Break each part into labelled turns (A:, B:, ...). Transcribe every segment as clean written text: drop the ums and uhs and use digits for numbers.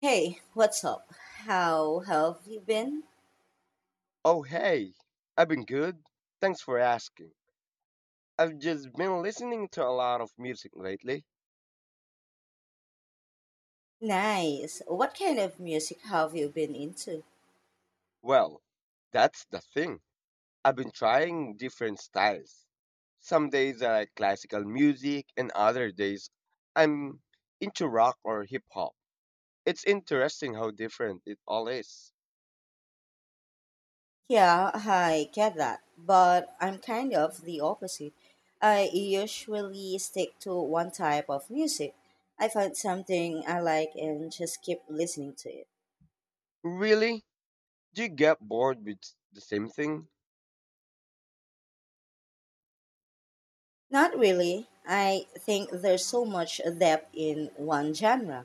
A: Hey, what's up? How have you been?
B: Oh, hey, I've been good. Thanks for asking. I've just been listening to a lot of music lately.
A: Nice. What kind of music have you been into?
B: Well, that's the thing. I've been trying different styles. Some days I like classical music, and other days I'm into rock or hip hop. It's interesting how different it all is.
A: Yeah, I get that, but I'm kind of the opposite. I usually stick to one type of music. I find something I like and just keep listening to it.
B: Really? Do you get bored with the same thing?
A: Not really. I think there's so much depth in one genre.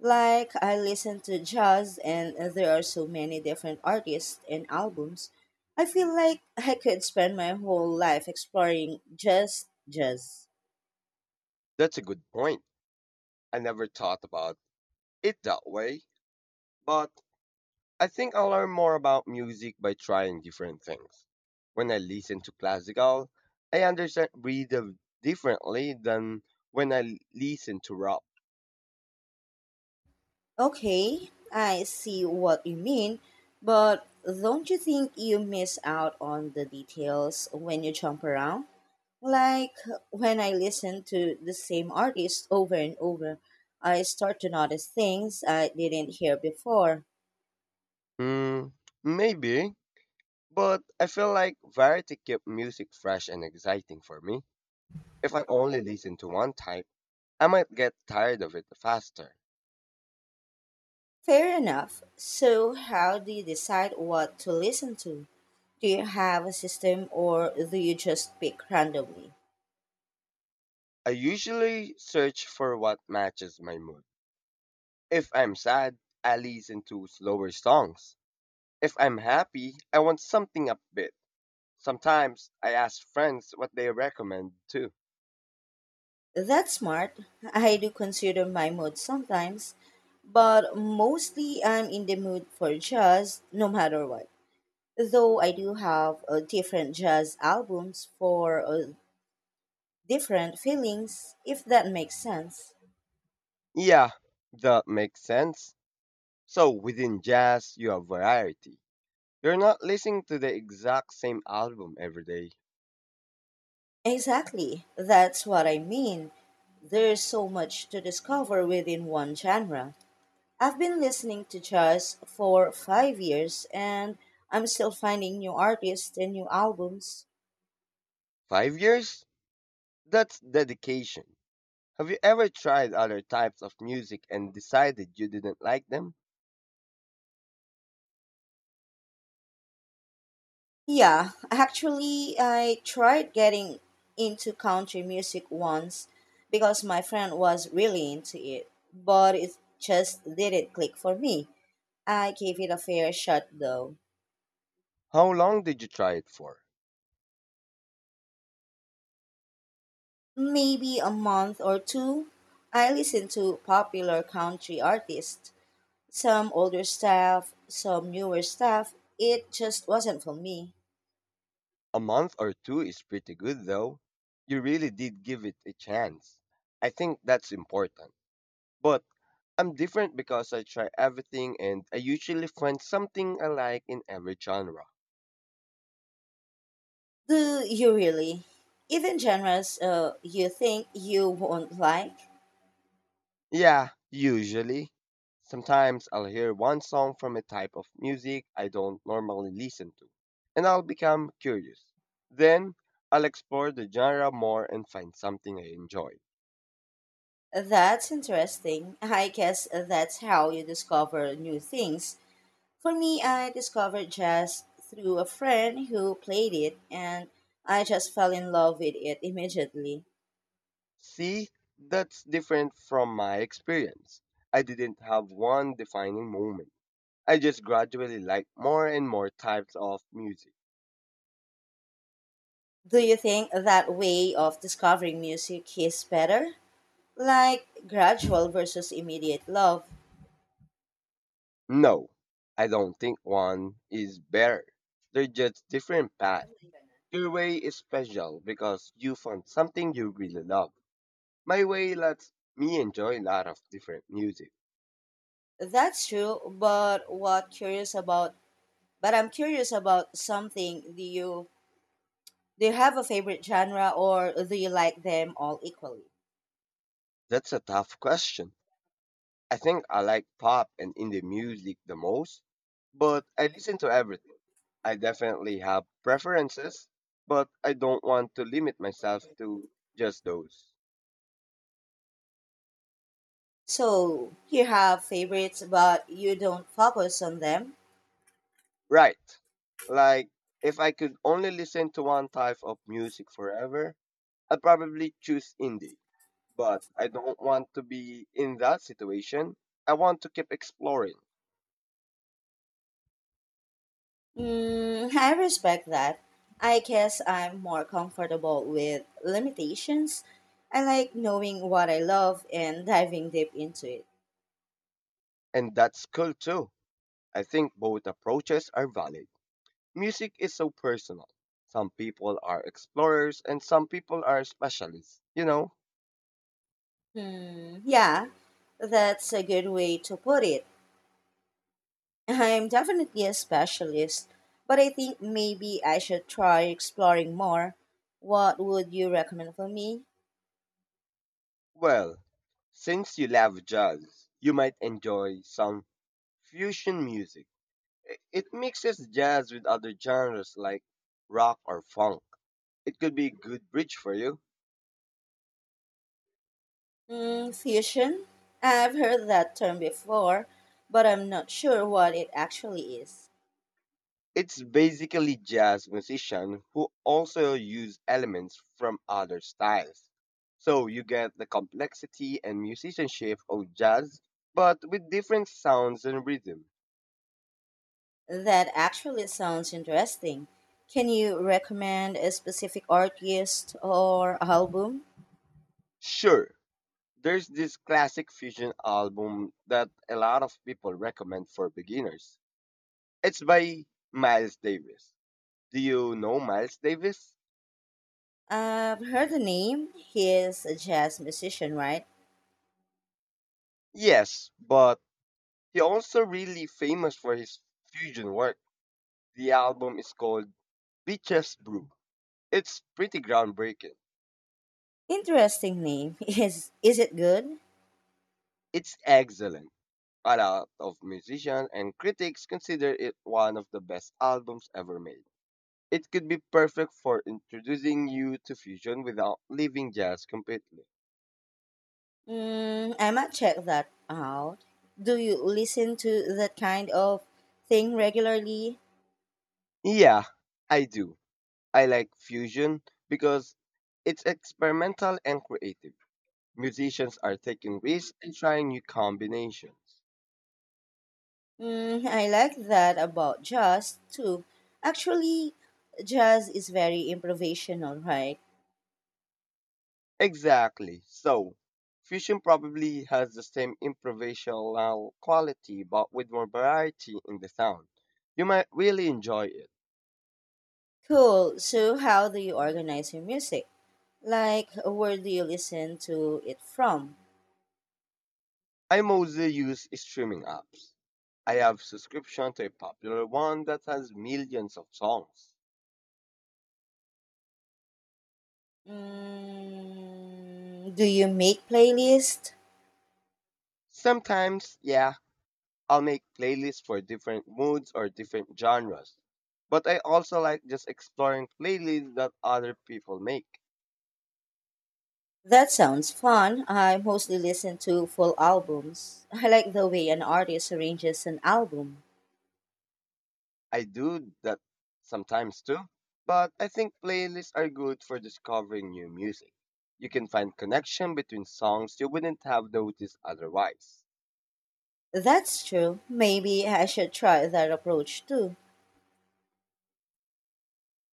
A: Like, I listen to jazz, and there are so many different artists and albums. I feel like I could spend my whole life exploring just jazz.
B: That's a good point. I never thought about it that way, but I think I learn more about music by trying different things. When I listen to classical, I understand rhythm differently than when I listen to rock.
A: Okay, I see what you mean, but don't you think you miss out on the details when you jump around? Like when I listen to the same artist over and over, I start to notice things I didn't hear before.
B: Mm, maybe, but I feel like variety keeps music fresh and exciting for me. If I only listen to one type, I might get tired of it faster.
A: Fair enough. So, how do you decide what to listen to? Do you have a system or do you just pick randomly?
B: I usually search for what matches my mood. If I'm sad, I listen to slower songs. If I'm happy, I want something upbeat. Sometimes I ask friends what they recommend too.
A: That's smart. I do consider my mood sometimes, but mostly I'm in the mood for jazz no matter what. Though I do have different jazz albums for different feelings, if that makes sense.
B: Yeah, that makes sense. So within jazz, you have variety. You're not listening to the exact same album every day.
A: Exactly, that's what I mean. There's so much to discover within one genre. I've been listening to jazz for 5 years and I'm still finding new artists and new albums.
B: 5 years? That's dedication. Have you ever tried other types of music and decided you didn't like them?
A: Yeah, actually, I tried getting into country music once because my friend was really into it, but it just didn't click for me. I gave it a fair shot though.
B: How long did you try it for?
A: Maybe a month or two, I listen to popular country artists, some older stuff, some newer stuff. It just wasn't for me.
B: A month or two is pretty good though. You really did give it a chance. I think that's important. But I'm different because I try everything and I usually find something I like in every genre.
A: Do you really? Even genres you think you won't like?
B: Yeah, usually. Sometimes I'll hear one song from a type of music I don't normally listen to, and I'll become curious. Then I'll explore the genre more and find something I enjoy.
A: That's interesting. I guess that's how you discover new things. For me, I discovered jazz through a friend who played it, and I just fell in love with it immediately.
B: See, that's different from my experience. I didn't have one defining moment. I just gradually liked more and more types of music.
A: Do you think that way of discovering music is better? Like gradual versus immediate love.
B: No, I don't think one is better. They're just different paths. Your way is special because you found something you really love. My way lets me enjoy a lot of different music.
A: That's true, but I'm curious about something. Do you have a favorite genre or do you like them all equally?
B: That's a tough question. I think I like pop and indie music the most, but I listen to everything. I definitely have preferences, but I don't want to limit myself to just those.
A: So you have favorites but you don't focus on them?
B: Right. Like if I could only listen to one type of music forever, I'd probably choose indie. But I don't want to be in that situation. I want to keep exploring,
A: Mm, I respect that. I guess I'm more comfortable with limitations. I like knowing what I love and diving deep into it.
B: and that's cool too. I think both approaches are valid. Music is so personal. Some people are explorers and some people are specialists, you know?
A: Hmm, yeah, that's a good way to put it. I'm definitely a specialist, but I think maybe I should try exploring more. What would you recommend for me?
B: Well, since you love jazz, you might enjoy some fusion music. It mixes jazz with other genres like rock or funk. It could be a good bridge for you.
A: Mm, fusion? I've heard that term before, but I'm not sure what it actually is.
B: It's basically jazz musician who also use elements from other styles. So you get the complexity and musicianship of jazz, but with different sounds and rhythm.
A: That actually sounds interesting. Can you recommend a specific artist or album?
B: Sure, there's this classic fusion album that a lot of people recommend for beginners. It's by Miles Davis. Do you know Miles Davis?
A: I've heard the name. He is a jazz musician, right?
B: Yes, but he also really famous for his fusion work. The album is called Bitches Brew. It's pretty groundbreaking.
A: Interesting name. Is it good?
B: It's excellent. A lot of musicians and critics consider it one of the best albums ever made. It could be perfect for introducing you to fusion without leaving jazz completely.
A: Mm, I might check that out. Do you listen to that kind of thing regularly?
B: Yeah, I do. I like fusion because it's experimental and creative. Musicians are taking risks and trying new combinations.
A: Mm, I like that about jazz too. Actually, jazz is very improvisational, right?
B: Exactly. So, fusion probably has the same improvisational quality but with more variety in the sound. You might really enjoy it.
A: Cool. So, how do you organize your music? Like, where do you listen to it from?
B: I mostly use streaming apps. I have subscription to a popular one that has millions of songs.
A: Mm, do you make playlists?
B: Sometimes, yeah, I'll make playlists for different moods or different genres. But I also like just exploring playlists that other people make.
A: That sounds fun. I mostly listen to full albums. I like the way an artist arranges an album.
B: I do that sometimes too, but I think playlists are good for discovering new music. You can find connection between songs you wouldn't have noticed otherwise.
A: That's true. Maybe I should try that approach too.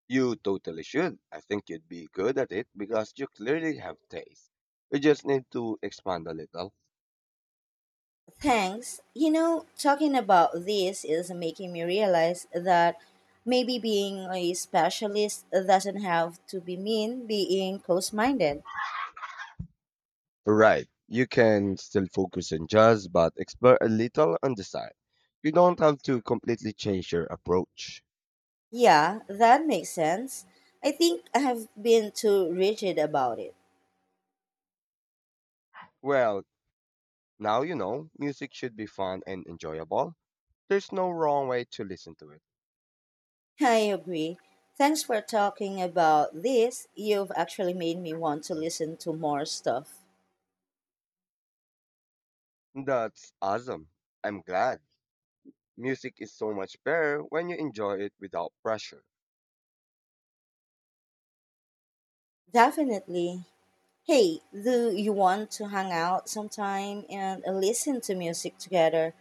B: You totally should. I think you'd be good at it because you clearly have taste. You just need to expand a little.
A: Thanks. You know, talking about this is making me realize that maybe being a specialist doesn't have to be mean being close minded.
B: Right. You can still focus on jazz, but explore a little on the side. You don't have to completely change your approach.
A: Yeah, that makes sense. I think I have been too rigid about it.
B: Well, now you know, music should be fun and enjoyable. There's no wrong way to listen to it.
A: I agree. Thanks for talking about this. You've actually made me want to listen to more stuff.
B: That's awesome. I'm glad. Music is so much better when you enjoy it without pressure.
A: Definitely. Hey, do you want to hang out sometime and listen to music together?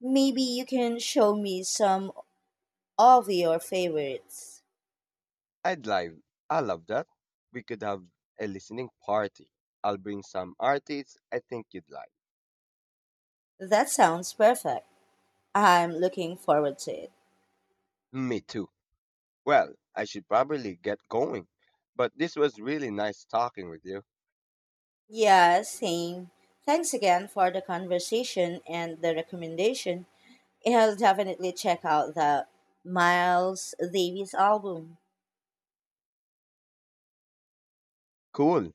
A: Maybe you can show me some of your favorites.
B: I'd like, I love that. We could have a listening party. I'll bring some artists I think you'd like.
A: That sounds perfect. I'm looking forward to it.
B: Me too. Well, I should probably get going. But this was really nice talking with you.
A: Yeah, same. Thanks again for the conversation and the recommendation. I'll definitely check out the Miles Davis album.
B: Cool.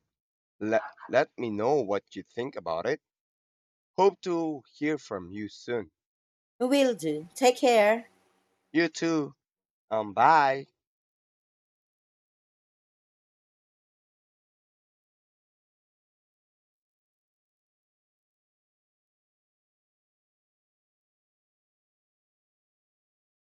B: Let, let me know what you think about it. Hope to hear from you soon.
A: Will do. Take care.
B: You too. Bye.